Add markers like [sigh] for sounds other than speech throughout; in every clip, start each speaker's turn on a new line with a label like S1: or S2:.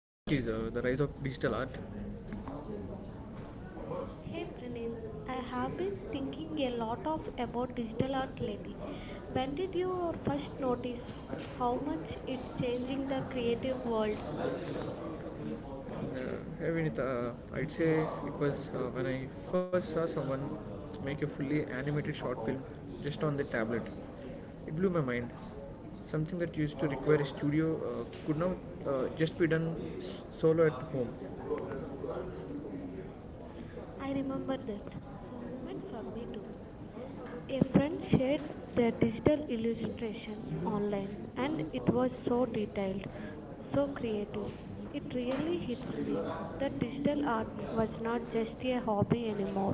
S1: topic is the rise of digital art.
S2: Hey Praneet, I have been thinking a lot of about digital art lately. When did you first notice how much it's changing the creative world?
S1: [laughs] Hey Vinita, I'd say it was when I first saw someone make a fully animated short film just on the tablet. It blew my mind. Something that used to require a studio could now just be done solo at home.
S2: I remember that. The moment for me too. A friend shared their digital
S1: Yes,
S2: illustration
S1: you
S2: online and
S1: don't
S2: it
S1: follow
S2: was so
S1: the social
S2: detailed,
S1: structure.
S2: so creative. It really hits me that digital art was not just a hobby anymore.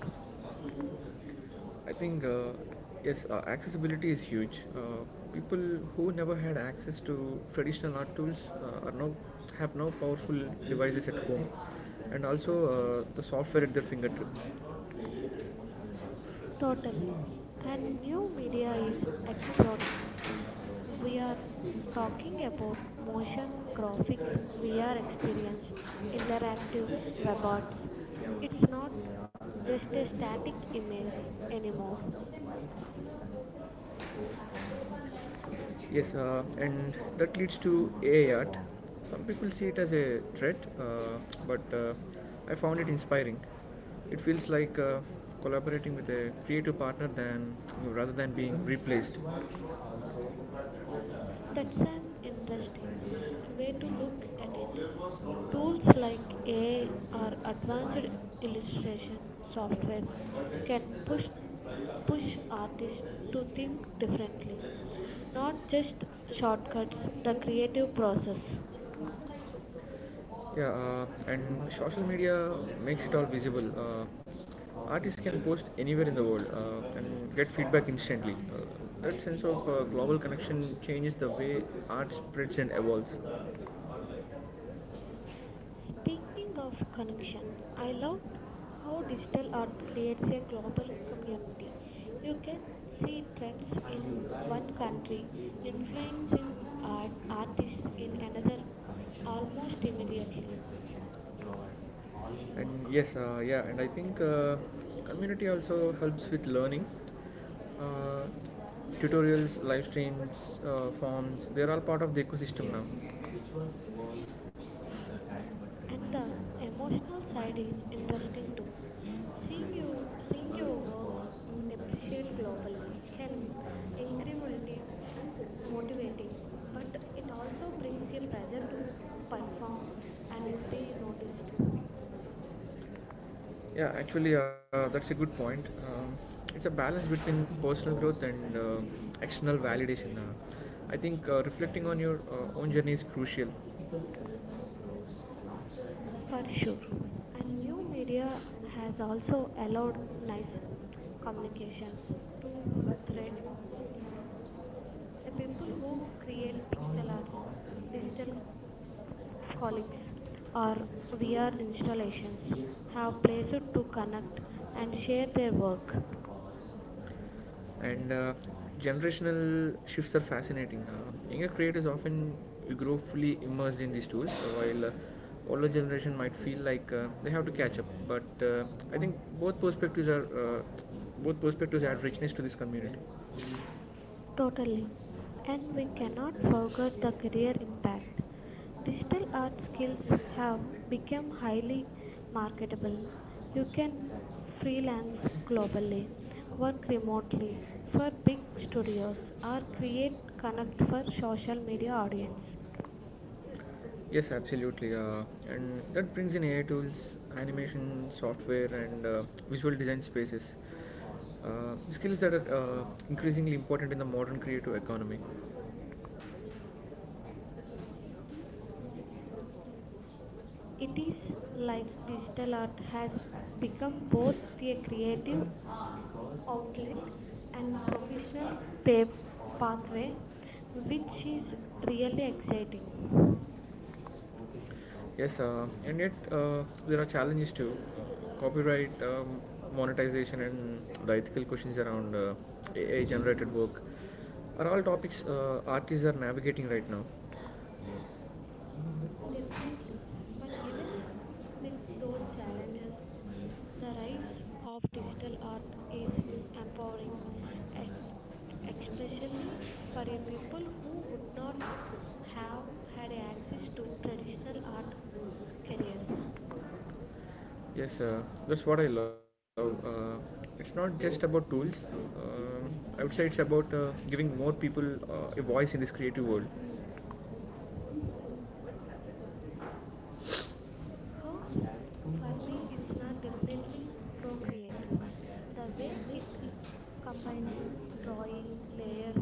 S1: I think yes, accessibility is huge. People who never had access to traditional art tools are now have now powerful devices at home, and also the software at their fingertips.
S2: Totally. And new media is exploding. We are talking about motion graphics, VR experience, interactive web arts. It's not just a static image anymore.
S1: Yes, and that leads to AI art. Some people see it as a threat, but I found it inspiring. It feels like collaborating with a creative partner than rather than being replaced.
S2: That's an interesting way to look at it. Tools like AI or advanced illustration softwares can push artists to think differently not
S1: Not
S2: just
S1: just the shop, the
S2: shortcuts, the creative
S1: creative
S2: process.
S1: process. Yeah, and social media makes it all visible. Artists can post anywhere in the world and get feedback instantly. That sense of global connection changes the way art spreads and evolves.
S2: Speaking of connection, I love how digital art creates a global community. You can see trends
S1: And you
S2: in
S1: realize
S2: one
S1: how
S2: country
S1: deeply moving this issue
S2: influencing
S1: is
S2: art
S1: between
S2: artists in another
S1: behavior, connection,
S2: almost
S1: memory,
S2: immediately.
S1: reflection, joy, all in one. And one. Yes, yeah, and I think community also helps with learning. Uh, Tutorials, live streams, forms, they're all part of the ecosystem. Yes, now. Yes, which was evolved with the time but
S2: And
S1: remains
S2: the
S1: central.
S2: emotional
S1: Mind
S2: side is interesting
S1: differently,
S2: too.
S1: being
S2: Seeing
S1: differently,
S2: you seeing
S1: but
S2: your
S1: the
S2: work
S1: pause, the
S2: appreciate
S1: reflection, the
S2: globally can
S1: connection.
S2: incredibility motivating, but it also brings a pressure to perform and be noticed
S1: Yeah, actually, that's a good point. It's a balance between personal growth and external validation. I think reflecting on your own journey is crucial,
S2: for sure. And new media has also allowed nice communications to thre- handle the people who create pixel arts, digital colleagues, or VR installations have placed to connect and share their work.
S1: and generational shifts are fascinating. Younger creators often grow fully immersed in these tools, while older generation might feel like they have to catch up. But I think both perspectives add richness to this community.
S2: Totally. And we cannot forget the career impact. Digital art skills have become highly marketable. You can freelance globally, work remotely for big studios, or create connect for social media audience.
S1: Yes, absolutely. And that brings in AI tools, animation software, and visual design spaces. Skills that are increasingly important in the modern creative economy. It
S2: It
S1: is
S2: is
S1: like
S2: like
S1: this to
S2: digital
S1: the
S2: art has
S1: much
S2: become
S1: fascinating,
S2: both
S1: which
S2: a
S1: they
S2: creative
S1: create outlet
S2: outlet
S1: and
S2: and professional
S1: artificial
S2: pa-
S1: shapes caused by
S2: pathway, which is
S1: which is
S2: really
S1: really nature,
S2: exciting.
S1: so okay. Yes, and yet there are challenges too, copyright, monetization and the ethical questions around AI generated work are all topics artists are navigating right now.
S2: Definitely. But even with those challenges, the rise of digital art is empowering, e- especially for a people who would not have had access to traditional art careers.
S1: Yes, that's what I love. It's not just about tools. Um I would say it's about giving more people a voice in this creative world.
S2: How for me, it's
S1: It's like
S2: not definitely procreate. The way it combines drawing, layers,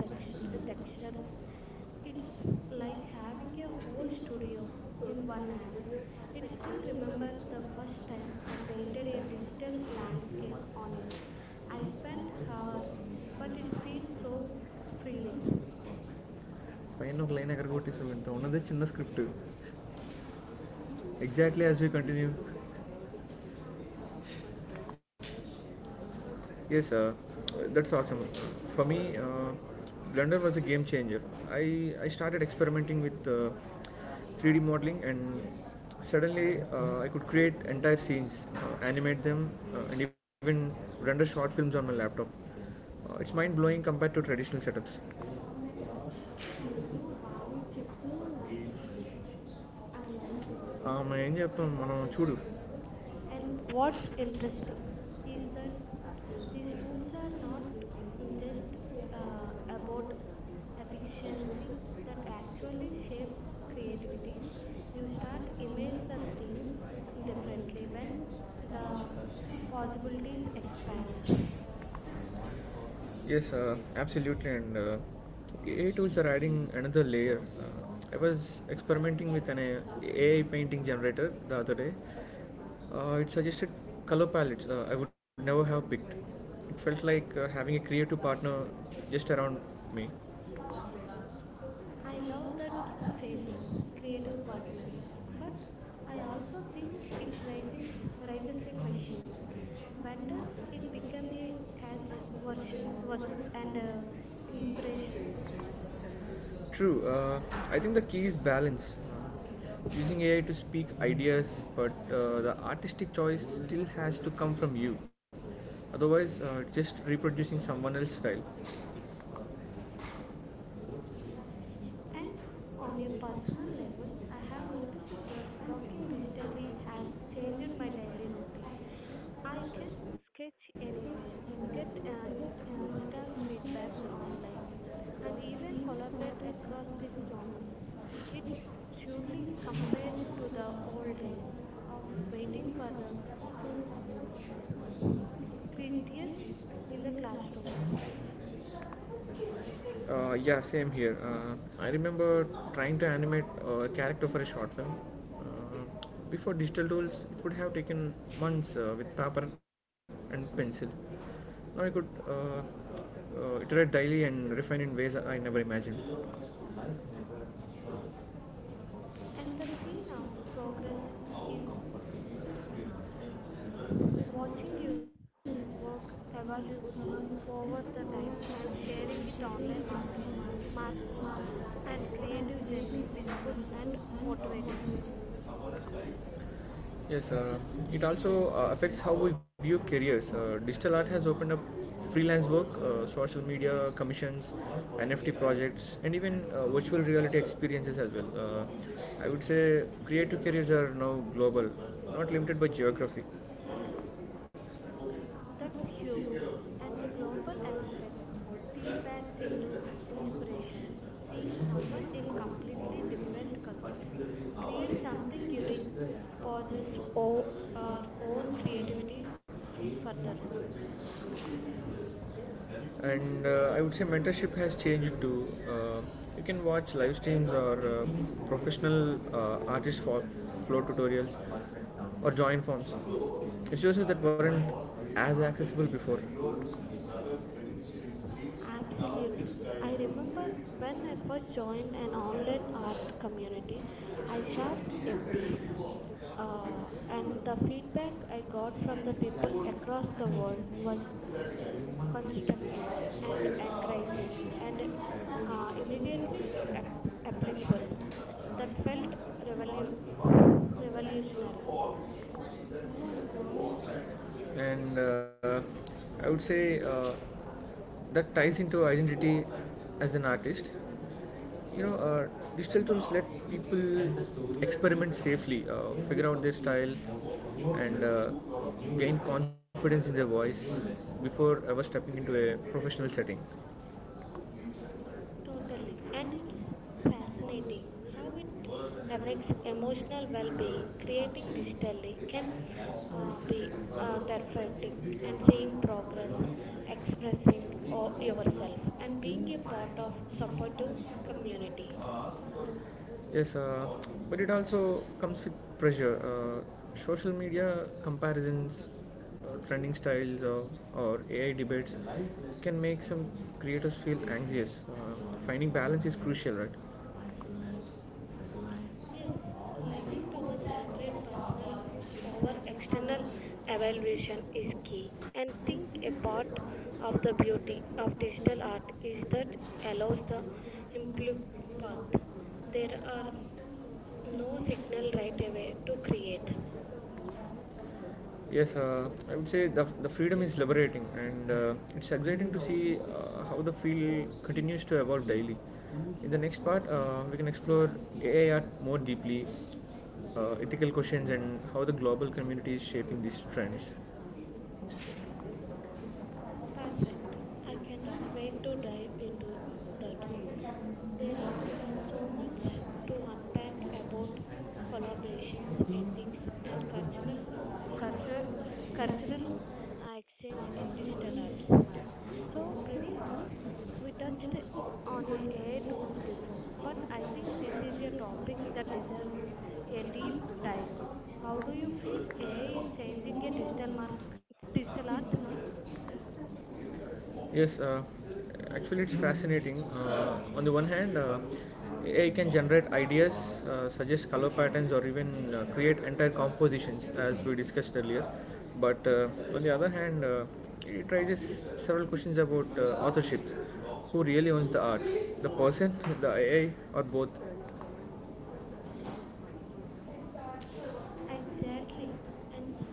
S2: text, textures, it's like having
S1: having
S2: a
S1: a
S2: whole
S1: new story
S2: studio
S1: from the
S2: in one app.
S1: beginning.
S2: It
S1: It's
S2: still
S1: still
S2: remember
S1: remember the
S2: the first
S1: first
S2: time I
S1: time I
S2: painted
S1: did
S2: a
S1: it. It
S2: digital
S1: still
S2: landscape
S1: counts.
S2: on it. I
S1: I spent
S2: spent hours,
S1: hours,
S2: but
S1: but it
S2: it feels
S1: feels so
S2: so freeing.
S1: real. Fine of line, I got good at this moment. How many days? Chenna scriptu. Exactly as we continue. Yes, that's awesome. For me, Blender was a game changer. I started experimenting with 3D modeling, and yes, suddenly I could create entire scenes, animate them, and even render short films on my laptop. It's mind blowing compared to traditional setups. బావి చెప్తూ అలా అని చెప్పారు. ఆమె ఏం చెప్తాం మనం చూడు.
S2: And what's interesting is that these tools
S1: uh,
S2: are not just about efficiency that actually shape creativity. You start image the things differently when
S1: uh,
S2: the possibilities
S1: Possibilities
S2: expand.
S1: expand. Yes, absolutely. And AI tools are adding another layer. I was experimenting with an AI painting generator the other day. It suggested color palettes I would never have picked. It felt like having a creative partner just around me
S2: I love that phasing, creative partner, but I also think it raises a questions. When does it become a catch version versus and
S1: uh,
S2: inspiration?
S1: True. I think the key is balance. Uh, Using AI to speak ideas, but the artistic choice still has to come from you. Otherwise, just reproducing someone else's style.
S2: And on a personal level, I have noticed that working digitally has changed my daily routine. I can sketch anywhere, get install feedbacks online, and even collaborate across these zones. It's surely compared to the old days of waiting for the cru- critics
S1: Creatures
S2: in
S1: in
S2: the
S1: the
S2: classrooms.
S1: classroom. Yeah, same here. I remember trying to animate a character for a short film. Uh, Before digital tools, it would have taken months with paper and pencil. Now I could iterate daily and refine in ways I never imagined.
S2: And the scene of progress is watching you work evolve over the time and sharing it online market marks and creative journey visible and motivating.
S1: Yes, it also affects how we view careers. Digital art has opened up freelance work, social media commissions, NFT projects, and even virtual reality experiences as well. I would say creative careers are now global, not limited by geography.
S2: That's huge. And the global aspect feedbacks into inspirations. Seeing someone in completely different culture create something unique, pauses o- our own creativity further.
S1: And I would say mentorship has changed to, uh, you can watch live streams or professional artist for flow tutorials or join forms. It's just that weren't as accessible before.
S2: Absolutely. I remember when I first joined an online art community, I sharped a piece. And the feedback I got from the people
S1: Exactly.
S2: across the world was constructive and encouraging and immediately applicable. That felt
S1: and
S2: revolu- revolutionary.
S1: and I would say that ties into identity as an artist, you know, digital tools let people experiment safely, figure out their style, and gain confidence in their voice before ever stepping into a professional setting.
S2: Totally. And it's fascinating how it affects emotional well being. Creating digitally can be therapeutic and seeing progress, expressing yourself, and being a part of supportive community.
S1: Yes, but it also comes with pressure. Social media comparisons, trending styles, or AI debates can make some creators feel anxious. Finding balance is crucial, right? Yes,
S2: Yes,
S1: I
S2: learning
S1: think
S2: to the
S1: posts that
S2: celebrate
S1: give strong
S2: personal
S1: work
S2: growth
S1: statements
S2: over
S1: like this is
S2: external
S1: one of the biggest.
S2: evaluation is key and think a part of the beauty of digital art is that allows the improve path. There are no signal right away to create.
S1: Yes, I would say the freedom is liberating, and it's exciting to see how the field continues to evolve daily. In the next part, we can explore AI art more deeply, ethical questions, and how the global community is shaping these trends.
S2: Perfect. I cannot wait to dive into that. There are so much to unpack about collaborations, ethics, and culture, cultural
S1: Considering
S2: exchange in digital art. So, Pranit,
S1: so,
S2: we touched on AI tools before, but I think this is a topic that deserves a deep dive. How
S1: how
S2: do
S1: do
S2: you
S1: you
S2: feel
S1: think
S2: AI is changing a
S1: AI?
S2: digital art?
S1: Yes, actually, it's fascinating. On the one hand, AI can generate ideas, suggest color patterns, or even create entire compositions, as we discussed earlier. But on the other hand, it raises several questions about authorship. Who really owns the art? The person, [laughs] the AI, or both? Evet sürekli.
S2: Exactly. And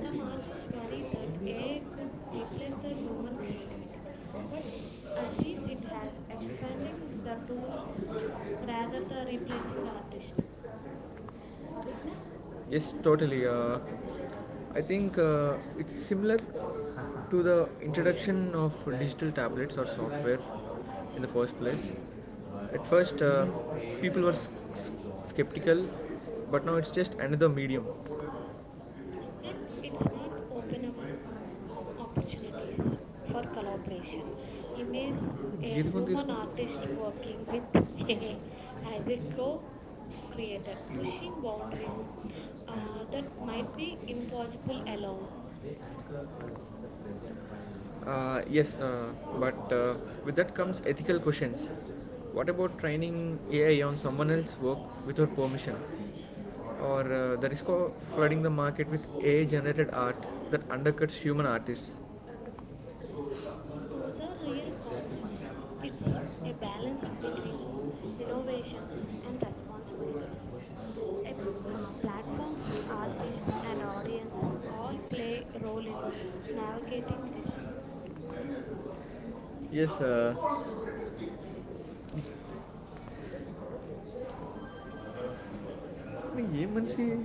S2: some artists worry that AI could
S1: Teaches
S2: replace the
S1: something
S2: human
S1: on patience.
S2: creativity. But I see it as expanding the tools rather than replacing artists.
S1: Yes, totally. I think it's similar to the introduction of digital tablets or software in the first place. At first, people were skeptical, but now it's just another medium.
S2: And it's not open up opportunities for collaboration. Imagine a
S1: గీది కొని
S2: human
S1: తీసుకుంటా.
S2: artist working with [laughs] AI as a co creator, pushing boundaries that might be impossible alone.
S1: Yes, but with that comes ethical questions. What about training AI on someone else's work without permission? Or the risk of flooding the market with AI generated art that undercuts human artists?
S2: Those are real corners. It's a balance between innovations and responsibilities. A, Platforms, artists, and audience all play a role in navigating this
S1: Yes, I mean,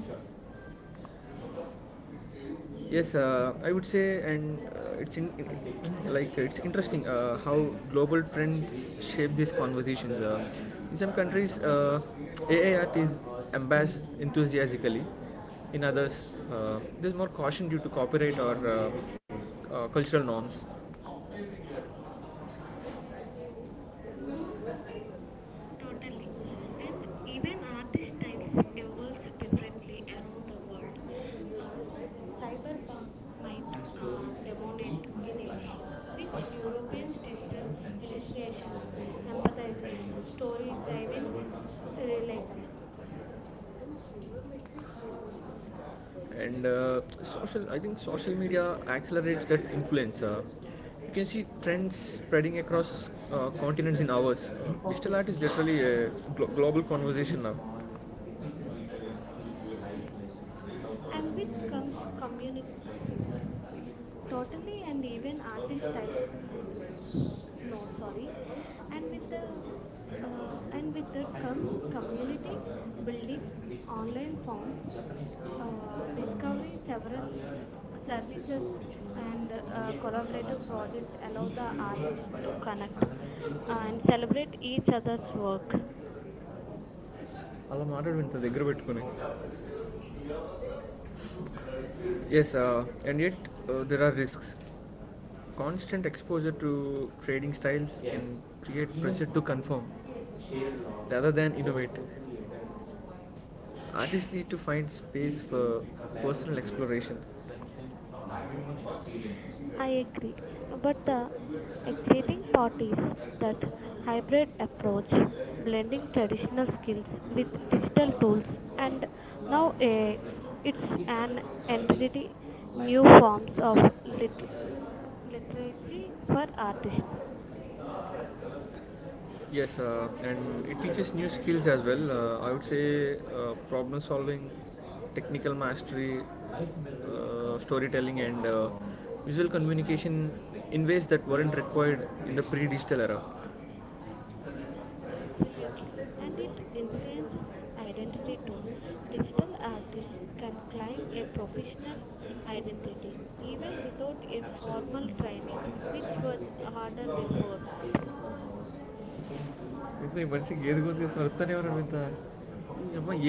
S1: yes, I would say, and it's in, like it's interesting how global trends shape these conversations. In some countries, AI art is embraced enthusiastically; in others, there's more caution due to copyright or cultural norms.
S2: totally. And even artist styles evolves differently around the world. Uh, Cyberpunk might
S1: And stories
S2: dominate
S1: eat my
S2: in
S1: life.
S2: Asia,
S1: Up.
S2: which
S1: First
S2: Europeans
S1: heartbreaks,
S2: digital
S1: new friendships,
S2: illustration
S1: celebrations,
S2: empathizes
S1: failures,
S2: story
S1: all
S2: diving
S1: forever work of
S2: realism
S1: you. And social, I think social media accelerates that influence. You can see trends spreading across continents in hours. Digital art is literally a global conversation now.
S2: and with comes
S1: కార్యం
S2: community totally and
S1: ంవల్
S2: even
S1: గ౯్వటికపంరి
S2: artist style
S1: ప౽అఅ
S2: no sorry and
S1: కణ్కరు。థియియ్లి
S2: with the and with that comes community building online forms discovery several services and collaborative projects allow
S1: అకరసంయతీన
S2: the artist to connect and
S1: జియൂసంది.
S2: celebrate each other's work.
S1: అలాం guy ంతా పారుది. Yes, and yet there are risks. Constant exposure to trading styles can create pressure to conform rather than innovate. Artists need to find space for personal exploration.
S2: I agree. But the exciting part is that hybrid approach, blending traditional skills with digital tools, and now eh, it's an entity new forms of lit- literacy for artists.
S1: Yes, and it teaches new skills as well. I would say problem solving, technical mastery, storytelling, and visual communication in ways that weren't required in the pre digital era.
S2: Absolutely. And it influences identity too. Digital artists can claim a professional identity even without a formal training, which was harder before.
S1: ఇది మనిషికి ఏది గుర్తు తీసుకుని వస్తానే ఎవరు ఇంత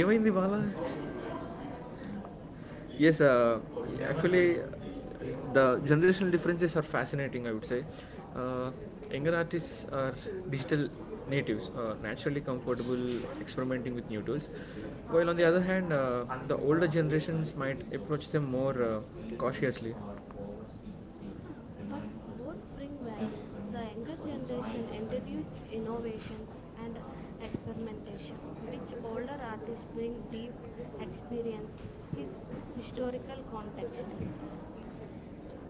S1: ఏమైంది Bala. Yes, actually, the generational differences are fascinating. I would say, uh, younger artists are digital natives, naturally comfortable experimenting with new tools, while on the other hand, the older generations might approach them more cautiously.
S2: Huh, but both bring value. The younger generation introduce innovations and experimentation, which older artists bring deep experience, his historical context.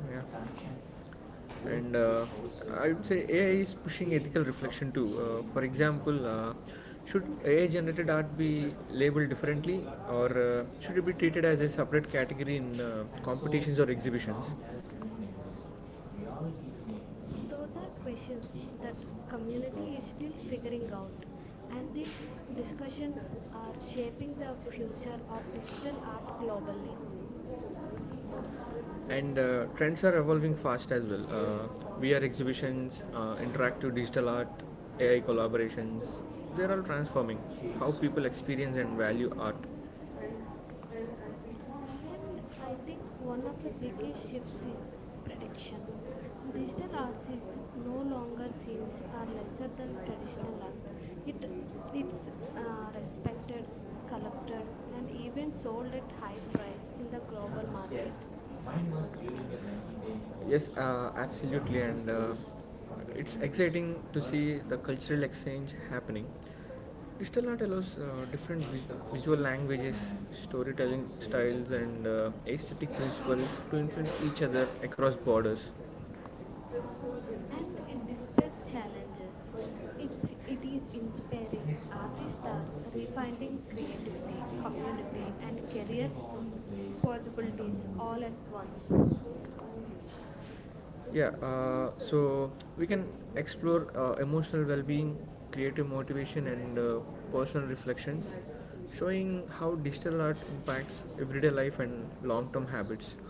S1: Yeah. And I would say AI is pushing ethical reflection too. For example, should AI generated art be labeled differently or should it be treated as a separate category in competitions or exhibitions? Those are
S2: Those are
S1: questions sectors
S2: questions that
S1: community
S2: community is
S1: is still
S2: still figuring
S1: figuring
S2: out,
S1: out,
S2: and
S1: and
S2: these
S1: these discussions
S2: discussions are
S1: are shaping
S2: shaping
S1: the
S2: the
S1: future
S2: future of
S1: of digital
S2: digital art globally.
S1: art. And trends are evolving fast as well. VR exhibitions, interactive digital art, AI collaborations, they're all transforming how people experience and value art
S2: And I think one of the biggest shifts is prediction. Digital arts is no longer seen as lesser than traditional art. It it's
S1: uh,
S2: respected, collected, and even sold at high price in the global market.
S1: Yes, Yes, absolutely, and it's exciting to see the cultural exchange happening. Digital art allows different visual languages, storytelling styles, and aesthetic principles to influence each other across borders.
S2: And it
S1: And
S2: despite
S1: despite
S2: challenges,
S1: challenges, its
S2: it is
S1: cities
S2: inspiring.
S1: inspire
S2: Artists are
S1: finding
S2: refining creativity,
S1: comfort and career
S2: community, and
S1: for
S2: career
S1: cities
S2: possibilities all
S1: all
S2: at
S1: at
S2: once.
S1: once. Yeah, so we can explore emotional well-being, creative motivation, and personal reflections, showing how digital art impacts everyday life and long-term habits. [laughs]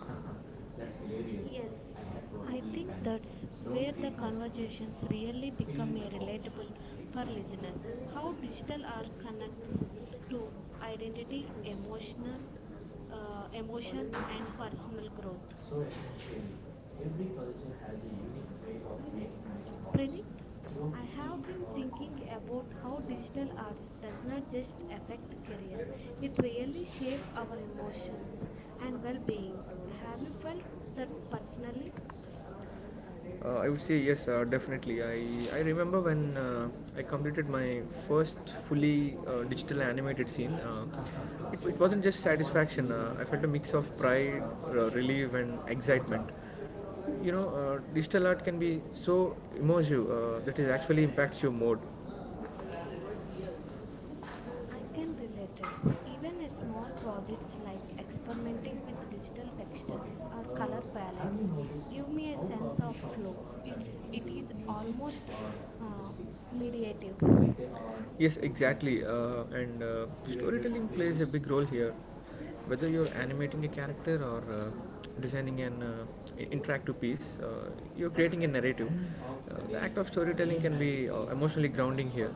S1: That's hilarious.
S2: Yes,
S1: Yes, I had like
S2: I
S1: probably
S2: think that's
S1: panicked. Don't
S2: where the
S1: read that.
S2: conversations
S1: Conversations
S2: really
S1: really spill
S2: become a
S1: become my
S2: relatable for
S1: coffee
S2: listeners.
S1: relatable. How
S2: How
S1: digital
S2: digital art
S1: art
S2: connects
S1: connects so
S2: to
S1: identity,
S2: identity,
S1: emotional,
S2: emotional,
S1: emotional
S2: emotion,
S1: and
S2: and
S1: personal
S2: personal
S1: growth.
S2: growth.
S1: So essentially, every culture has a unique way of making money.
S2: Pranit,
S1: I
S2: I
S1: have
S2: have
S1: the been
S2: been
S1: art. Of thinking
S2: thinking about
S1: about how
S2: how
S1: digital
S2: digital arts
S1: arts
S2: does
S1: does
S2: not
S1: not
S2: just
S1: just
S2: affect
S1: affect
S2: career;
S1: career,
S2: it
S1: it really
S2: really
S1: shape
S2: shapes our
S1: our
S2: emotions
S1: actions and
S2: and
S1: well-being.
S2: well-being.
S1: Have
S2: Have
S1: you
S2: you
S1: felt
S2: felt that
S1: that personally?
S2: personally?
S1: I would say yes, definitely. I remember when I completed my first fully digital animated scene. It wasn't just satisfaction. I felt a mix of pride, relief, and excitement. Digital art can be so immersive that it actually impacts your mood
S2: I can relate it. Even a small projects like
S1: like
S2: experimenting
S1: Okay.
S2: with digital textures or color
S1: Uh,
S2: palettes give me a sense of flow. It is almost uh,
S1: uh,
S2: mediative,
S1: Like yes, exactly. And Storytelling plays a big role here. Whether you're animating a character or designing an interactive piece, you're creating a narrative. The act of storytelling can be emotionally grounding here.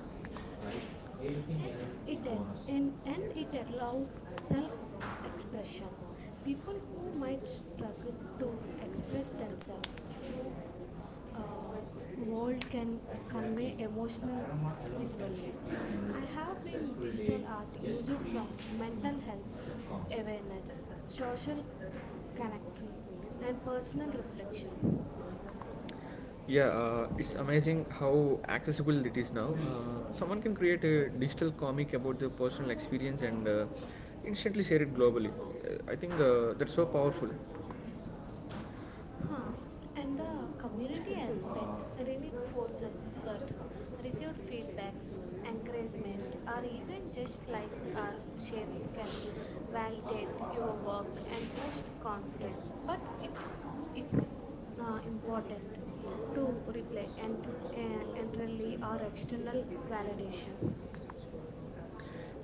S1: Everything
S2: and
S1: else it
S2: it
S1: is
S2: at,
S1: bonus.
S2: and,
S1: and,
S2: and
S1: and it
S2: it allows
S1: allows
S2: self
S1: self-expression.
S2: expression. People
S1: People who
S2: who might
S1: might
S2: struggle
S1: struggle to
S2: to express
S1: express
S2: themselves
S1: themselves
S2: through
S1: will
S2: uh,
S1: more
S2: world
S1: can
S2: can convey
S1: exactly. Emotional
S2: emotional
S1: aroma alone can
S2: visually.
S1: shift your
S2: I
S1: mood.
S2: have been
S1: Stressful
S2: digital
S1: day,
S2: art
S1: just
S2: used from
S1: breathe and
S2: mental health
S1: sleep.
S2: awareness,
S1: Awareness, social
S2: social
S1: connection,
S2: connectry, and
S1: and
S2: personal
S1: personal reflection.
S2: reflection.
S1: Yeah, it's amazing how accessible it is now. Someone can create a digital comic about their personal experience and instantly share it globally. I think that's so powerful. Huh.
S2: Huh. And
S1: And the
S2: the community
S1: community
S2: aspect
S1: aspect, ironic
S2: reinforces
S1: forces,
S2: that
S1: but receive
S2: received
S1: feedback and
S2: feedbacks, encouragement,
S1: encouragement, or
S2: or
S1: even
S2: even just
S1: just like
S2: like our shapes
S1: shades
S2: can
S1: help validate
S2: validate
S1: your
S2: your
S1: work
S2: work
S1: and
S2: and
S1: boost
S2: boost
S1: confidence.
S2: confidence. But
S1: But it, it's
S2: it's
S1: important
S2: important to
S1: to
S2: replay
S1: reflect
S2: and
S1: and internally
S2: internally or
S1: or
S2: external
S1: external validation.
S2: validation.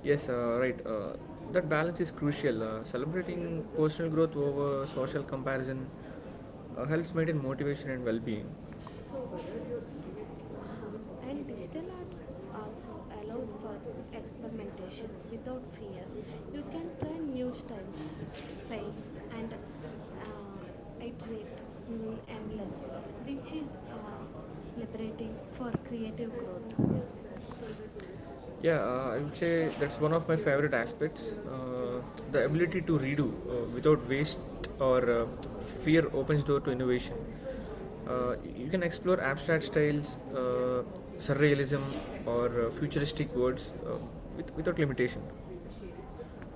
S1: Yes, right. That balance is crucial. Celebrating personal growth over social comparison helps maintain motivation and well being. And instead of allowing
S2: Huh.
S1: for
S2: And
S1: experimentation
S2: digital arts also allows for
S1: without fear,
S2: experimentation without fear.
S1: we
S2: You
S1: can
S2: can try
S1: try
S2: new
S1: new
S2: styles,
S1: strategies, fail
S2: fail, and
S1: and
S2: uh,
S1: iterate
S2: iterate
S1: endlessly,
S2: endlessly, which
S1: which
S2: is
S1: is liberating
S2: liberating
S1: for
S2: for
S1: creative
S2: creative growth.
S1: growth. Yeah, I would say that's one of my favorite aspects. The ability to redo without waste or fear opens door to innovation. You can explore abstract styles, surrealism, or futuristic words without limitation.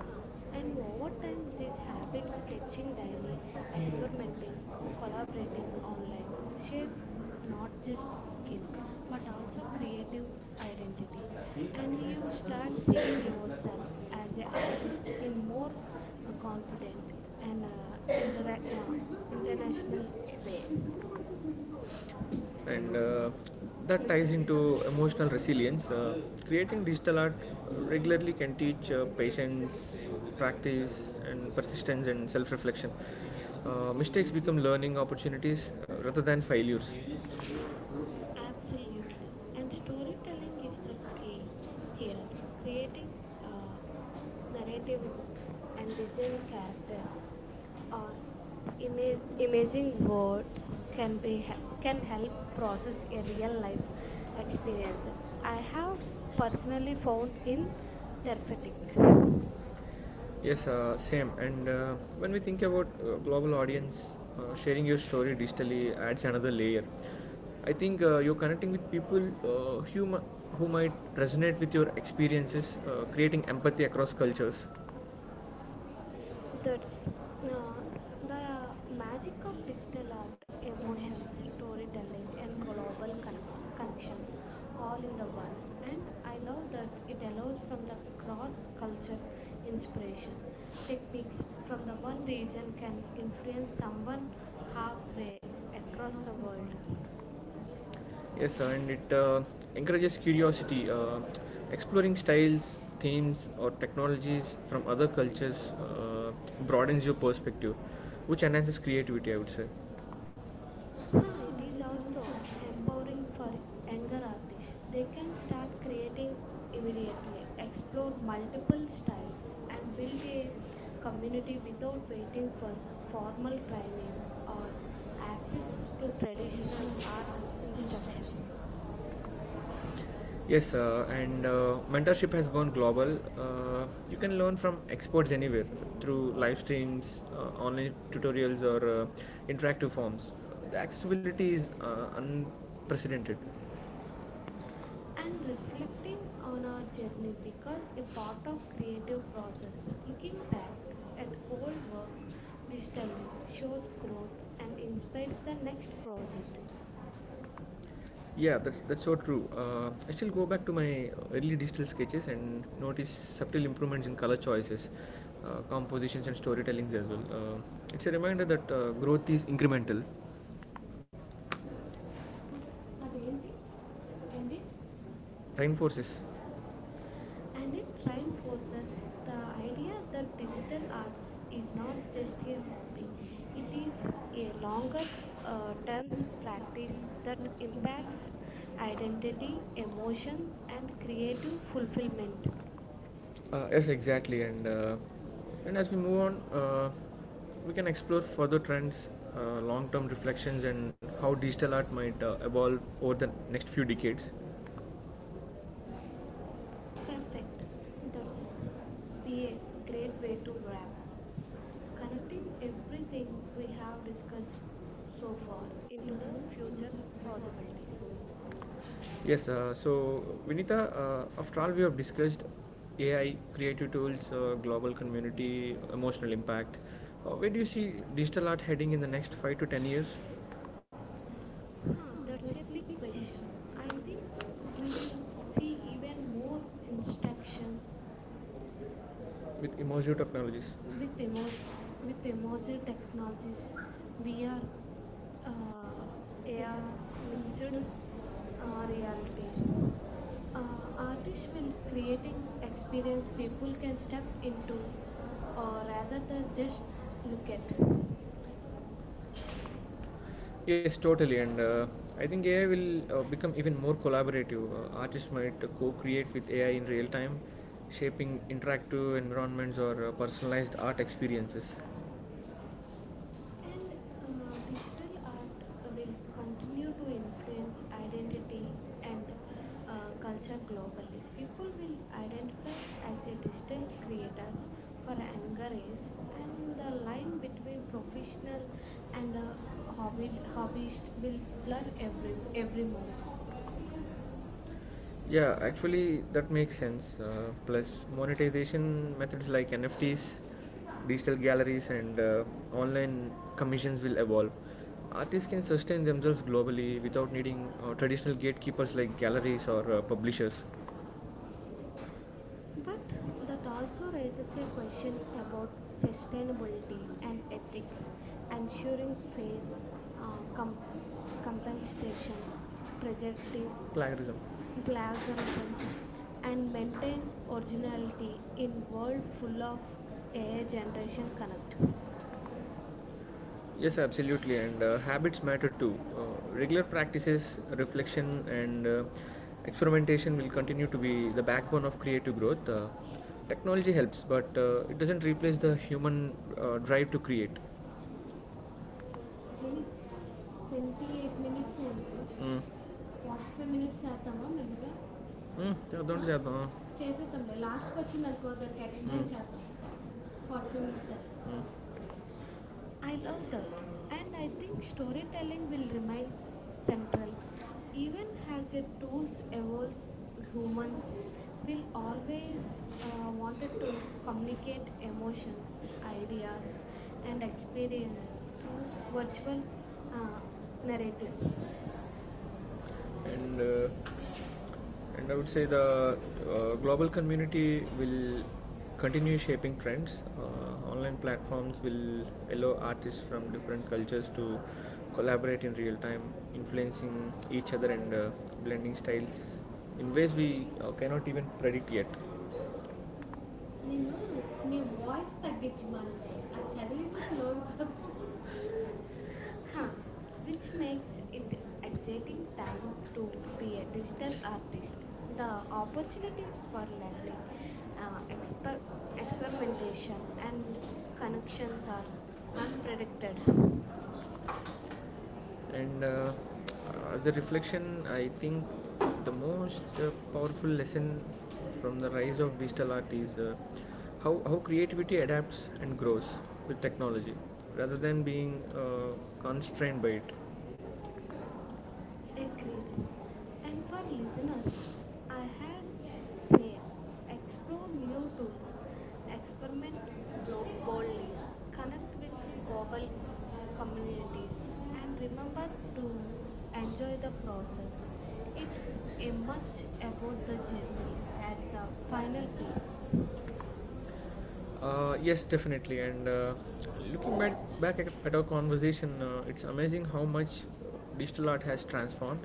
S2: Huh. And over time, these habits sketching daily, experimenting, collaborating online shape not just skill but also creative identity. And you start seeing yourself as an artist in more confident and intera-
S1: Thank
S2: uh, international way.
S1: you and that ties into emotional resilience. Creating digital art regularly can teach patience, practice, and persistence and self reflection. Mistakes become learning opportunities rather than failures.
S2: Absolutely. And storytelling is the key here. Creating a narrative and design characters or imaging words can help process a real life experiences. I have personally found in therapeutic.
S1: Yes, same. And when we think about global audience, sharing your story digitally adds another layer. I think you're connecting with people uh, who, mi- who might resonate with your experiences, creating empathy across cultures. It's yeah,
S2: That's uh, the
S1: the
S2: magic
S1: magic
S2: of
S1: of digital
S2: digital art,
S1: art,
S2: emotions,
S1: emotions, storytelling,
S2: storytelling,
S1: and
S2: and
S1: global
S2: global
S1: connection
S2: connections all
S1: all in
S2: in the
S1: the
S2: one.
S1: one. And
S2: And
S1: I
S2: I love
S1: love
S2: that
S1: that
S2: it
S1: it
S2: allows
S1: allows for
S2: from the
S1: the
S2: cross culture
S1: cross-culture inspiration.
S2: inspiration. Techniques
S1: Techniques from
S2: from
S1: the
S2: the one
S1: one region
S2: region
S1: can
S2: can influence
S1: influence someone
S2: someone halfway
S1: halfway
S2: across
S1: across
S2: the
S1: the
S2: world.
S1: world. Yes, sir, and it encourages curiosity, exploring styles, themes, or technologies from other cultures broadens your perspective, which enhances creativity. I would say.
S2: Huh,
S1: Now
S2: it
S1: it
S2: is
S1: is also
S2: also
S1: empowering
S2: empowering
S1: for
S2: for
S1: younger
S2: younger artists.
S1: artists.
S2: They
S1: They can
S2: can start
S1: start creative
S2: creating
S1: immediately,
S2: immediately, explore
S1: explore multiple
S2: multiple styles,
S1: styles, and
S2: and build
S1: build a
S2: a
S1: community
S2: community without
S1: without
S2: waiting
S1: waiting for
S2: for
S1: formal
S2: formal training
S1: training or
S2: or access
S1: access to
S2: to
S1: traditional
S2: traditional art
S1: art instructions.
S2: instructions.
S1: Yes, and mentorship has gone global. You can learn from experts anywhere through live streams, online tutorials, or interactive forms. The accessibility is unprecedented. And
S2: And reflecting
S1: reflecting on
S2: on our
S1: our
S2: journey
S1: journey
S2: because
S1: because
S2: a
S1: the
S2: part
S1: part
S2: of
S1: of
S2: creative
S1: creative
S2: process,
S1: process. Looking
S2: looking back
S1: back
S2: at
S1: at
S2: old work
S1: all
S2: digitally
S1: discovery
S2: shows
S1: shows
S2: growth
S1: growth
S2: and
S1: and
S2: inspires
S1: inspires the
S2: the next
S1: next
S2: project.
S1: project. Yeah, that's so true. I still go back to my early digital sketches and notice subtle improvements in color choices, compositions, and storytellings as well. It's a reminder that growth is incremental. అదేంటి ఏంటి Reinforces and
S2: And it
S1: it trying the
S2: reinforces the idea
S1: idea
S2: that
S1: that
S2: digital
S1: digital
S2: arts
S1: arts
S2: is
S1: is
S2: not
S1: not
S2: just
S1: just a
S2: a
S1: hobby,
S2: hobby, it
S1: it
S2: is
S1: is a
S2: a
S1: longer
S2: longer term
S1: times
S2: practice
S1: practice
S2: that
S1: that
S2: impacts
S1: impacts identity,
S2: identity,
S1: emotion,
S2: emotion,
S1: and
S2: and
S1: creative
S2: creative fulfillment.
S1: fulfillment. Yes, exactly. And as we move on, we can explore further trends, long-term reflections, and how digital art might evolve over the next few decades
S2: Perfect. That's it. Be a great way to wrap up. Connecting everything we have discussed so far
S1: so
S2: into the future possibilities.
S1: yes, so Vinita, after all we have discussed AI, creative tools, global community, emotional impact. Where do you see digital art heading in the next 5 to 10 years? Ah,
S2: Huh, that's
S1: that's a
S2: a
S1: big
S2: big
S1: question.
S2: question.
S1: I
S2: I think
S1: think
S2: we
S1: we
S2: will
S1: will see
S2: see even
S1: even
S2: more
S1: more
S2: instructions
S1: instructions with immersive technologies.
S2: with
S1: with, immersive, with
S2: emoji
S1: immersive
S2: technologies,
S1: technologies, VR,
S2: VR, uh, AR,
S1: AR mixed
S2: mixed
S1: reality.
S2: reality. Artists
S1: Artists
S2: will
S1: will
S2: creating
S1: creating
S2: experience
S1: experience
S2: people
S1: people
S2: can
S1: can
S2: step
S1: step into
S2: into, or rather
S1: rather
S2: than
S1: than
S2: just
S1: just
S2: look
S1: look
S2: at.
S1: at it. Yes, totally. And I think AI will become even more collaborative. Artists might co create with AI in real time, shaping interactive environments or personalized art experiences
S2: And digital art will continue
S1: continue
S2: to
S1: to
S2: influence
S1: influence identity
S2: identity
S1: and
S2: and culture
S1: culture. People
S2: globally. People will
S1: identify as
S2: identify as a digital
S1: distinct
S2: creators
S1: creators
S2: for
S1: for
S2: a younger
S1: another
S2: age,
S1: is
S2: and the
S1: the line
S2: line between
S1: between professional
S2: professional
S1: and
S2: and
S1: hobby, hobbyist
S2: hobbyist
S1: will
S2: will blur
S1: blur every,
S2: every
S1: every.
S2: more.
S1: Yeah, actually, that makes sense. Plus, monetization methods like NFTs, digital galleries, and online commissions will evolve. Artists can sustain themselves globally without needing traditional gatekeepers like galleries or publishers.
S2: But
S1: But
S2: that
S1: that also
S2: also
S1: raises
S2: raises
S1: a
S2: a
S1: question
S2: question
S1: about
S2: about
S1: sustainability
S2: sustainability
S1: and
S2: and ethics,
S1: ethics,
S2: ensuring
S1: ensuring
S2: fair
S1: fair
S2: uh,
S1: compensation,
S2: compensation,
S1: present
S2: preservative,
S1: plagiarism. Plagiarism,
S2: plagiarism,
S1: and
S2: and
S1: maintain
S2: maintain
S1: originality
S2: originality
S1: in
S2: in world
S1: world full
S2: full
S1: of
S2: of
S1: AI
S2: AI
S1: generation
S2: generation
S1: art.
S2: connect.
S1: Yes, absolutely, and habits matter too. Regular practices, reflection, and experimentation will continue to be the backbone of creative growth. Technology helps, but it doesn't replace the human drive to create. నేను twenty eight minutes అయింది Mm. Forty five minutes చేద్దామా మెల్లగా Mm, చేద్దాం ఆ? చేద్దాం చేసేద్దాంలే లాస్ట్కి వచ్చింది అనుకో దానికి యాక్సిడెంట్ చేద్దాం ఫార్టీ ఫైవ్ మినిట్స్ చేద్దాం Mm. I
S2: I
S1: love
S2: love that,
S1: that, and I
S2: and I
S1: think
S2: think storytelling
S1: storytelling
S2: will
S1: will remain
S2: remain
S1: central.
S2: central
S1: Even
S2: even
S1: as
S2: as the
S1: the
S2: tools
S1: tools
S2: evolves.
S1: evolves,
S2: Humans
S1: humans
S2: will
S1: will
S2: always
S1: always want
S2: wanted
S1: to
S2: to communicate
S1: communicate
S2: emotions,
S1: emotions,
S2: ideas,
S1: ideas, and
S2: and experience
S1: experience through
S2: through virtual
S1: virtual
S2: uh,
S1: uh,
S2: narrative.
S1: narrative. and uh, and I would say the global community will continue shaping trends. Online platforms will allow artists from different cultures to collaborate in real time, influencing each other and blending styles in ways we cannot even predict yet. నేను నీ voice తగ్గించమను ఆ చదివింది slow Huh,
S2: Huh, which
S1: which
S2: makes
S1: makes
S2: it
S1: it an
S2: exciting
S1: exciting
S2: time
S1: time to
S2: to
S1: be a
S2: be a digital
S1: digital artist.
S2: artist.
S1: The
S2: The
S1: opportunities for
S2: opportunities for
S1: young
S2: learning, uh, exper-
S1: expert experimentation
S2: experimentation,
S1: and
S2: and connections
S1: connections
S2: are
S1: are
S2: unpredicted.
S1: unpredictable and as a reflection I think the most powerful lesson from the rise of digital art is how creativity adapts and grows with technology rather than being constrained by it
S2: Agreed.
S1: and
S2: And for
S1: for
S2: listeners,
S1: listeners, I
S2: I
S1: have said
S2: had say
S1: explore
S2: explore
S1: new
S2: new tools,
S1: books,
S2: experiment
S1: experiment your
S2: blo-
S1: body,
S2: boldly,
S1: connect
S2: connect with
S1: with
S2: global
S1: global
S2: communities
S1: communities, and
S2: and remember
S1: remember to
S2: to
S1: enjoy
S2: enjoy
S1: the
S2: the
S1: process.
S2: process. It's
S1: It's a
S2: a much
S1: much about
S2: about
S1: the
S2: the
S1: journey
S2: journey
S1: as
S2: as
S1: the
S2: the final
S1: final piece.
S2: piece.
S1: Yes, definitely. And looking back at our conversation, it's amazing how much digital art has transformed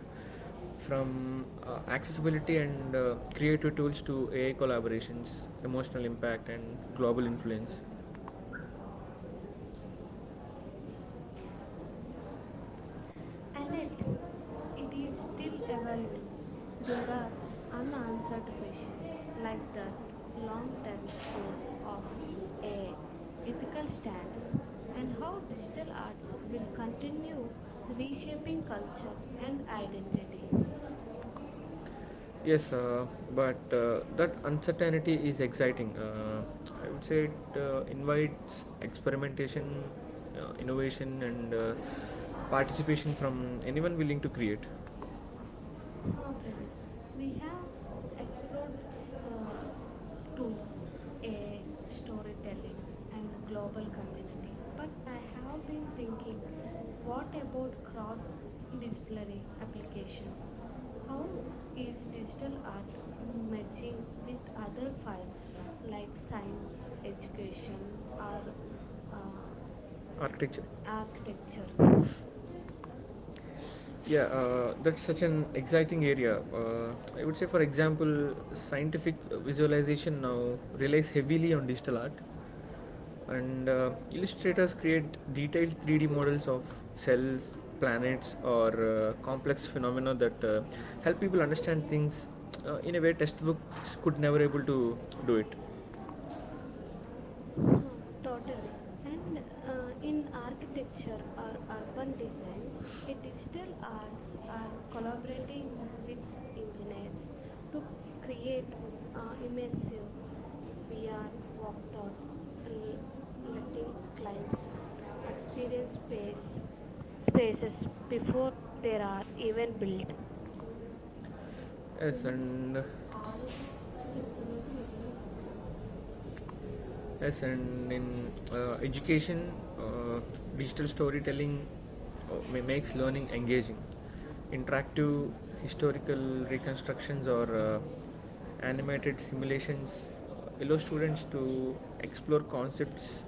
S1: from accessibility and creative tools to AI collaborations, emotional impact, and global influence.
S2: And
S1: And
S2: it,
S1: it,
S2: it
S1: it
S2: is
S1: is
S2: still
S1: still around.
S2: evolving.
S1: There
S2: There
S1: are
S2: are
S1: unanswered
S2: unanswered
S1: questions
S2: questions
S1: like
S2: like that
S1: the
S2: long term
S1: mountains,
S2: role of a ethical
S1: ethical
S2: stance
S1: stance, and
S2: and
S1: how
S2: how digital
S1: digital
S2: arts
S1: arts will
S2: will
S1: continue
S2: continue reshaping
S1: reshaping culture
S2: culture
S1: and
S2: and identity.
S1: identity. Yes, but that uncertainty is exciting. I would say it invites experimentation, innovation, and participation from anyone willing to create
S2: Pranit. We have explored uh, tools, a storytelling, and global community. But I have been thinking, what about cross-disciplinary applications? How is digital art merging with other fields like science, education, or uh,
S1: architecture architecture
S2: architecture?
S1: yeah, that's such an exciting area. I would say, for example, scientific visualization now relies heavily on digital art, and illustrators create detailed 3D models of cells, planets, or complex phenomena that help people understand things in a way textbooks could never able to do it.
S2: Huh,
S1: Totally.
S2: totally.
S1: And
S2: And
S1: in
S2: in
S1: architecture
S2: architecture
S1: or
S2: or
S1: urban
S2: urban
S1: design,
S2: designs,
S1: the
S2: a digital
S1: digital
S2: arts
S1: arts
S2: are
S1: are collaborating
S2: collaborating
S1: with
S2: with
S1: engineers
S2: engineers
S1: to
S2: to create
S1: create immersive
S2: immersive
S1: VR
S2: VR walkthroughs,
S1: workouts to
S2: l- letting
S1: native
S2: clients
S1: clients
S2: experience
S1: experience space
S2: spaces
S1: spaces before
S2: before
S1: they
S2: they
S1: are
S2: are
S1: even
S2: even built.
S1: made. Yes, and ఆలోచించి చెప్తున్నట్టు నిర్ణయించుకున్నాను yes, and in education, uh, digital storytelling uh, makes learning engaging. Interactive historical reconstructions or animated simulations allow students to explore concepts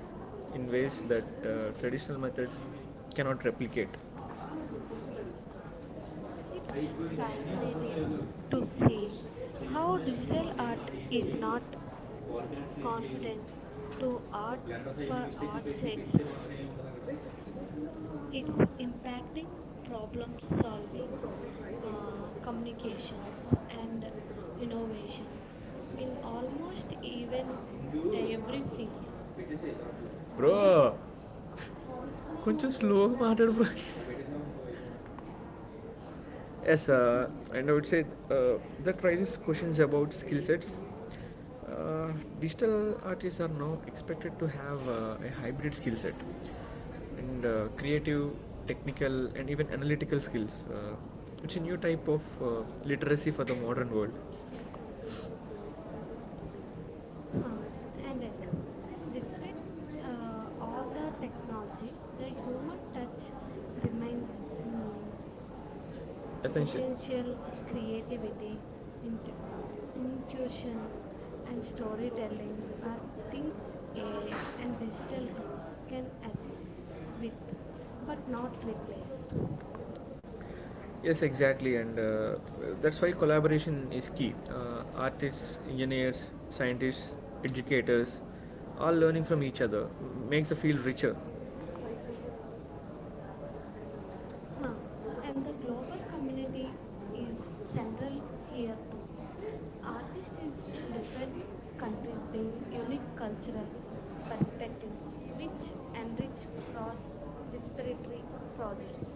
S1: in ways that traditional methods cannot replicate.
S2: It's fascinating to see how digital art is not confident to art for
S1: To
S2: art's sake.
S1: art.
S2: It's
S1: It's impacting
S2: impacting
S1: problem
S2: problem
S1: solving,
S2: solving, communications,
S1: communications, and
S2: and
S1: innovations
S2: innovations in
S1: in almost
S2: almost even
S1: even every
S2: every field.
S1: field. Bro కొంచెం స్లోగా మాట్లాడు bro Yes, and I would say that raises questions about skill sets. Uh, digital artists are now expected to have a hybrid skill set and creative, technical, and even analytical skills. It's a new type of literacy for the modern world.
S2: Huh. And it, Despite all the technology, the human touch remains mm,
S1: Essential. Essential
S2: essential creativity,
S1: creativity,
S2: int-
S1: intuition
S2: intuition
S1: and
S2: and
S1: storytelling
S2: storytelling are
S1: are
S2: things
S1: things AI
S2: AI
S1: and
S2: and digital
S1: digital
S2: tools
S1: can
S2: can
S1: assist
S2: assist with
S1: with,
S2: but
S1: but
S2: not
S1: not
S2: replace.
S1: replace. Yes, exactly, and that's why collaboration is key. Artists, engineers, scientists, educators, all learning from each other makes the field richer. Huh. And
S2: Uh,
S1: the global
S2: and the global
S1: community
S2: community is
S1: is
S2: central
S1: centered
S2: here too.
S1: here. Artists
S2: Artists is
S1: is different
S2: different countries
S1: countries bring
S2: bring unique
S1: unique
S2: cultural
S1: cultural
S2: perspectives
S1: perspectives
S2: which
S1: which enrich
S2: enrich cross
S1: cross
S2: disparatory
S1: disparate
S2: projects.
S1: projects.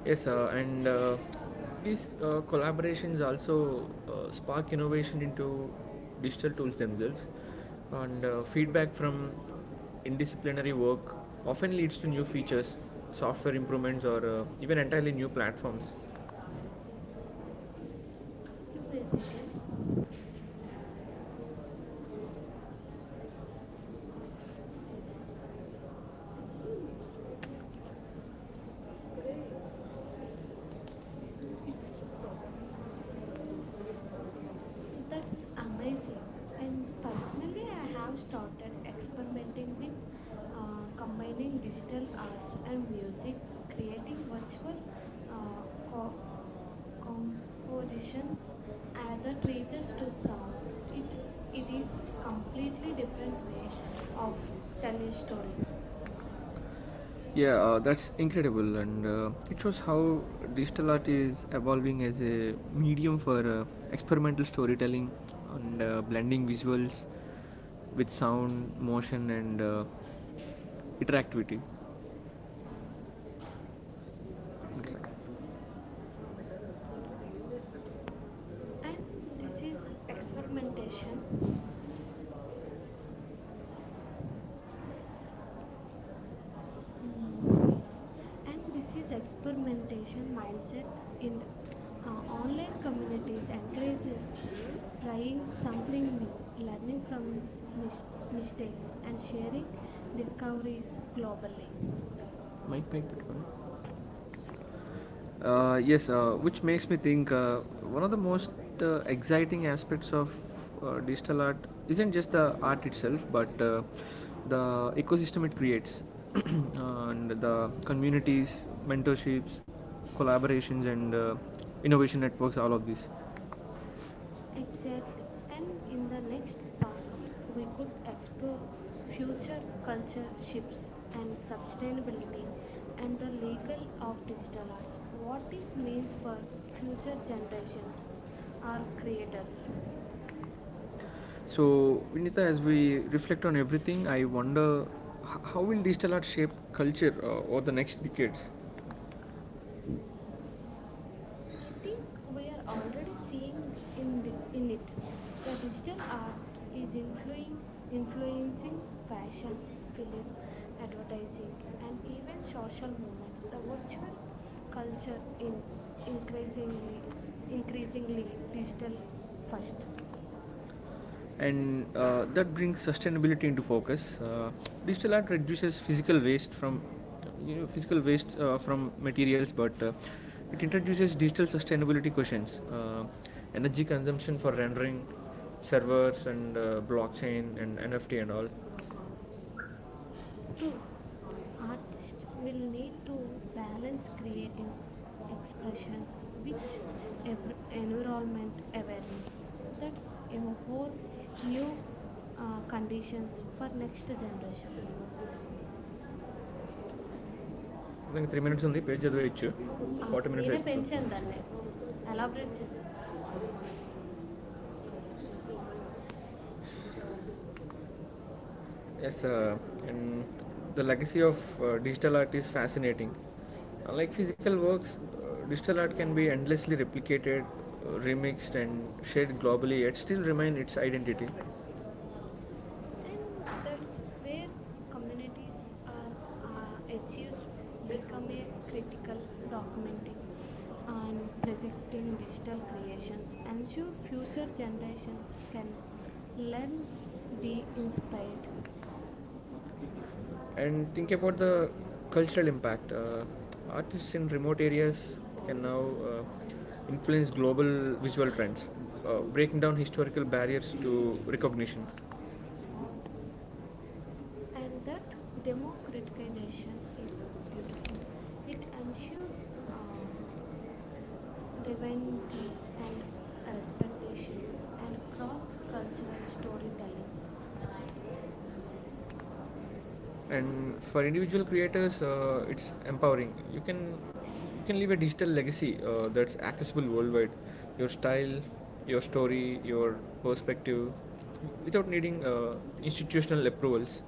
S1: Yes, and these collaborations also spark innovation into digital tools themselves, and feedback from indisciplinary work often leads to new features, software improvements, or even entirely new platforms.
S2: Give me a second. That's
S1: That's amazing.
S2: amazing.
S1: And
S2: And personally,
S1: personally,
S2: I
S1: I
S2: have
S1: have
S2: started
S1: started
S2: experimenting
S1: experimenting
S2: with
S1: with uh,
S2: combining
S1: combining digital
S2: digital
S1: arts
S2: arts
S1: and
S2: and music,
S1: music,
S2: creating
S1: creating
S2: virtual
S1: virtual
S2: uh, co- compositions
S1: compositions as a
S2: that reaches
S1: treasures to
S2: to
S1: song.
S2: sound. It
S1: It,
S2: it
S1: it
S2: is
S1: is completely
S2: completely different
S1: different way
S2: way of
S1: of
S2: telling a
S1: telling story.
S2: story.
S1: Yeah, that's incredible, and it shows how digital art is evolving as a medium for experimental storytelling and blending visuals with sound, motion, and interactivity. Interact- And
S2: And this
S1: this
S2: is
S1: is
S2: experimentation.
S1: experimentation. Uh,
S2: Mm.
S1: And
S2: And this
S1: this
S2: is
S1: is
S2: experimentation
S1: experimentation
S2: mindset
S1: mindset in
S2: in online
S1: online community
S2: communities
S1: sector
S2: encourages
S1: is trying
S2: trying
S1: something
S2: something
S1: new,
S2: new, learning
S1: learning from
S2: from
S1: mistakes
S2: mistakes,
S1: and
S2: and
S1: sharing
S2: sharing discoveries
S1: discoveries globally.
S2: globally.
S1: Mic పైకి పెట్టుకోండి Yes, which makes me think one of the most exciting aspects of digital art isn't just the art itself, but the ecosystem it creates [clears throat] and the communities, mentorships, collaborations, and innovation networks, all of this.
S2: Exactly. And in the next part, we could explore future culture shifts and sustainability and the legal of digital arts. What is means for future generations or creators?
S1: So, Vinita, as we reflect on everything, I wonder how will digital art shape culture over the next decades?
S2: I think we
S1: We
S2: are already
S1: are seeing
S2: seeing
S1: in
S2: in
S1: the
S2: in it.
S1: image. The
S2: The digital
S1: digital
S2: art
S1: art is
S2: is
S1: influencing
S2: influencing
S1: influencing
S2: influencing
S1: fashion,
S2: fashion,
S1: film,
S2: film,
S1: advertising,
S2: advertising,
S1: and
S2: and
S1: even
S2: even social
S1: social
S2: movements. The
S1: culture,
S2: virtual culture
S1: culture
S2: in
S1: in
S2: increasingly
S1: increasingly
S2: increasingly
S1: digital
S2: digital first.
S1: first and that brings sustainability into focus. Digital art reduces physical waste from physical waste from materials, but it introduces digital sustainability questions, energy consumption for rendering, servers and blockchain and NFT and all. ఔతారక్దిరి
S2: True. Artists will
S1: కండియా���సి
S2: need to balance
S1: ఴిఱీయగు
S2: creative
S1: అ఑ש ఔకెడ
S2: expressions with
S1: నేకేరదియారాఠ్డిیతగియారాడున్యాక్షా ఐంక ఘెరి the
S2: environment awareness.
S1: ఆనపేసొ
S2: That's a whole new conditions for next generation.
S1: శోిరా గిరిన్సి
S2: ఆ,
S1: ఩దిరి
S2: నేనే పెంచాను దాన్ని ఎలాబరేట్ చేసా
S1: యితా Yes, and the legacy of digital art is fascinating. Unlike physical works, digital art can be endlessly replicated, remixed, and shared globally, yet still remain its identity. That's
S2: and that's
S1: where
S2: where
S1: communities
S2: communities are
S1: are achieved
S2: achieves become a
S1: becoming critical
S2: critical
S1: document
S2: documenting and projecting
S1: presenting digital
S2: digital creations,
S1: creations. I'm sure
S2: ensure
S1: future
S2: future generations
S1: generations can
S2: can learn,
S1: learn,
S2: be
S1: be
S2: inspired,
S1: inspired. And think about the cultural impact. Artists in remote areas can now uh, influence global visual trends, breaking down historical barriers to recognition.
S2: and that democratization is beautiful. It ensures uh, divinity and respectations and cross-cultural storytelling.
S1: And for individual creators it's empowering you can leave a digital legacy that's accessible worldwide your style your story your perspective without needing institutional approvals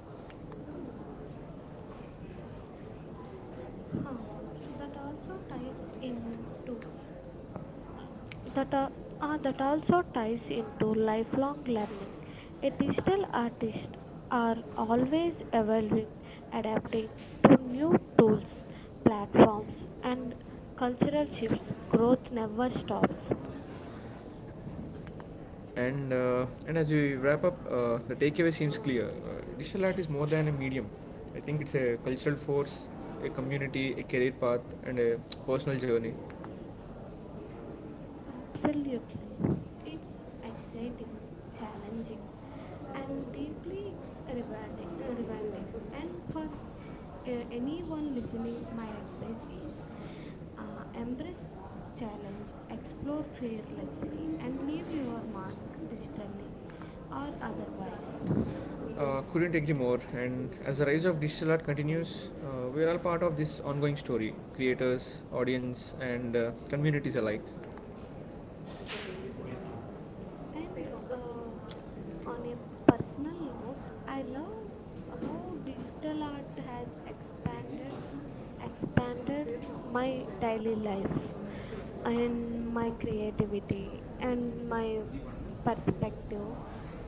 S2: Huh.
S1: cultural
S2: That also ties into that, al- that also ties into lifelong learning. A digital artist are always evolving, adapting to new tools, platforms, and cultural
S1: life,
S2: shifts. Growth
S1: both
S2: never
S1: members
S2: stops.
S1: and as we wrap up, the takeaway seems clear. Digital art is more than a medium. I think it's a cultural force, a community, a career path, and a personal journey
S2: Absolutely. It's exciting, challenging, and deeply rewarding. And for anyone
S1: uh,
S2: listening, my
S1: uh,
S2: advice is embrace challenge, explore fearlessly, and leave your mark digitally or otherwise.
S1: Couldn't agree more. And as the rise of digital art continues, we are all part of this ongoing story creators, audience, and communities alike. Yes,
S2: And
S1: they open
S2: on a personal
S1: personal
S2: note,
S1: I
S2: I
S1: love
S2: love
S1: digital
S2: how digital art
S1: art
S2: has
S1: has expanded my time and my
S2: expanded
S1: creativity
S2: my
S1: and
S2: daily life
S1: my
S2: and my creativity and my
S1: perspective. I
S2: perspective.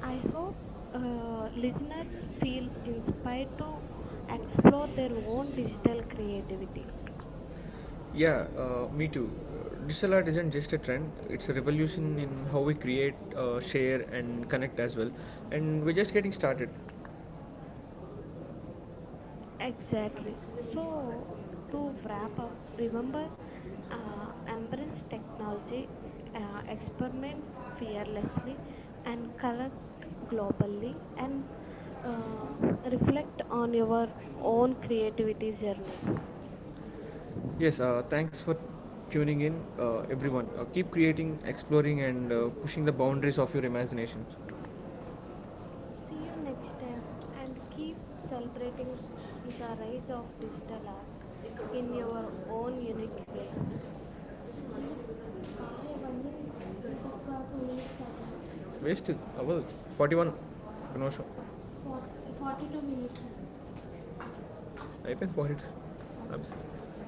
S2: I
S1: hope
S2: hope listeners
S1: listeners feel
S2: feel inspired
S1: inspired
S2: to
S1: to explore
S2: explore
S1: their
S2: their
S1: own
S2: own
S1: digital
S2: digital creativity.
S1: art. Yeah, me too. Digital art isn't just a trend, it's a revolution in how we create, share, and connect as well. And we're just getting started.
S2: Exactly. So, to wrap up, remember embrace technology, experiment fearlessly, and collect globally, and uh, reflect on your own creativity journey.
S1: Yes, thanks for tuning in, everyone. Keep creating, exploring, and pushing the boundaries of your imagination. See
S2: See you
S1: you next
S2: next
S1: time
S2: time and
S1: and
S2: keep
S1: keep celebrating
S2: celebrating
S1: the rise
S2: the rise of
S1: of digital
S2: digital art
S1: art in
S2: in your
S1: your
S2: own
S1: own
S2: unique way.
S1: universe. ನಾಳೆ ಬಂದು ఒక two minutes అవుతుంది Waste అవదు forty one ఒక నిమిషం forty two minutes అవుతుంది అయిపోయింది forty two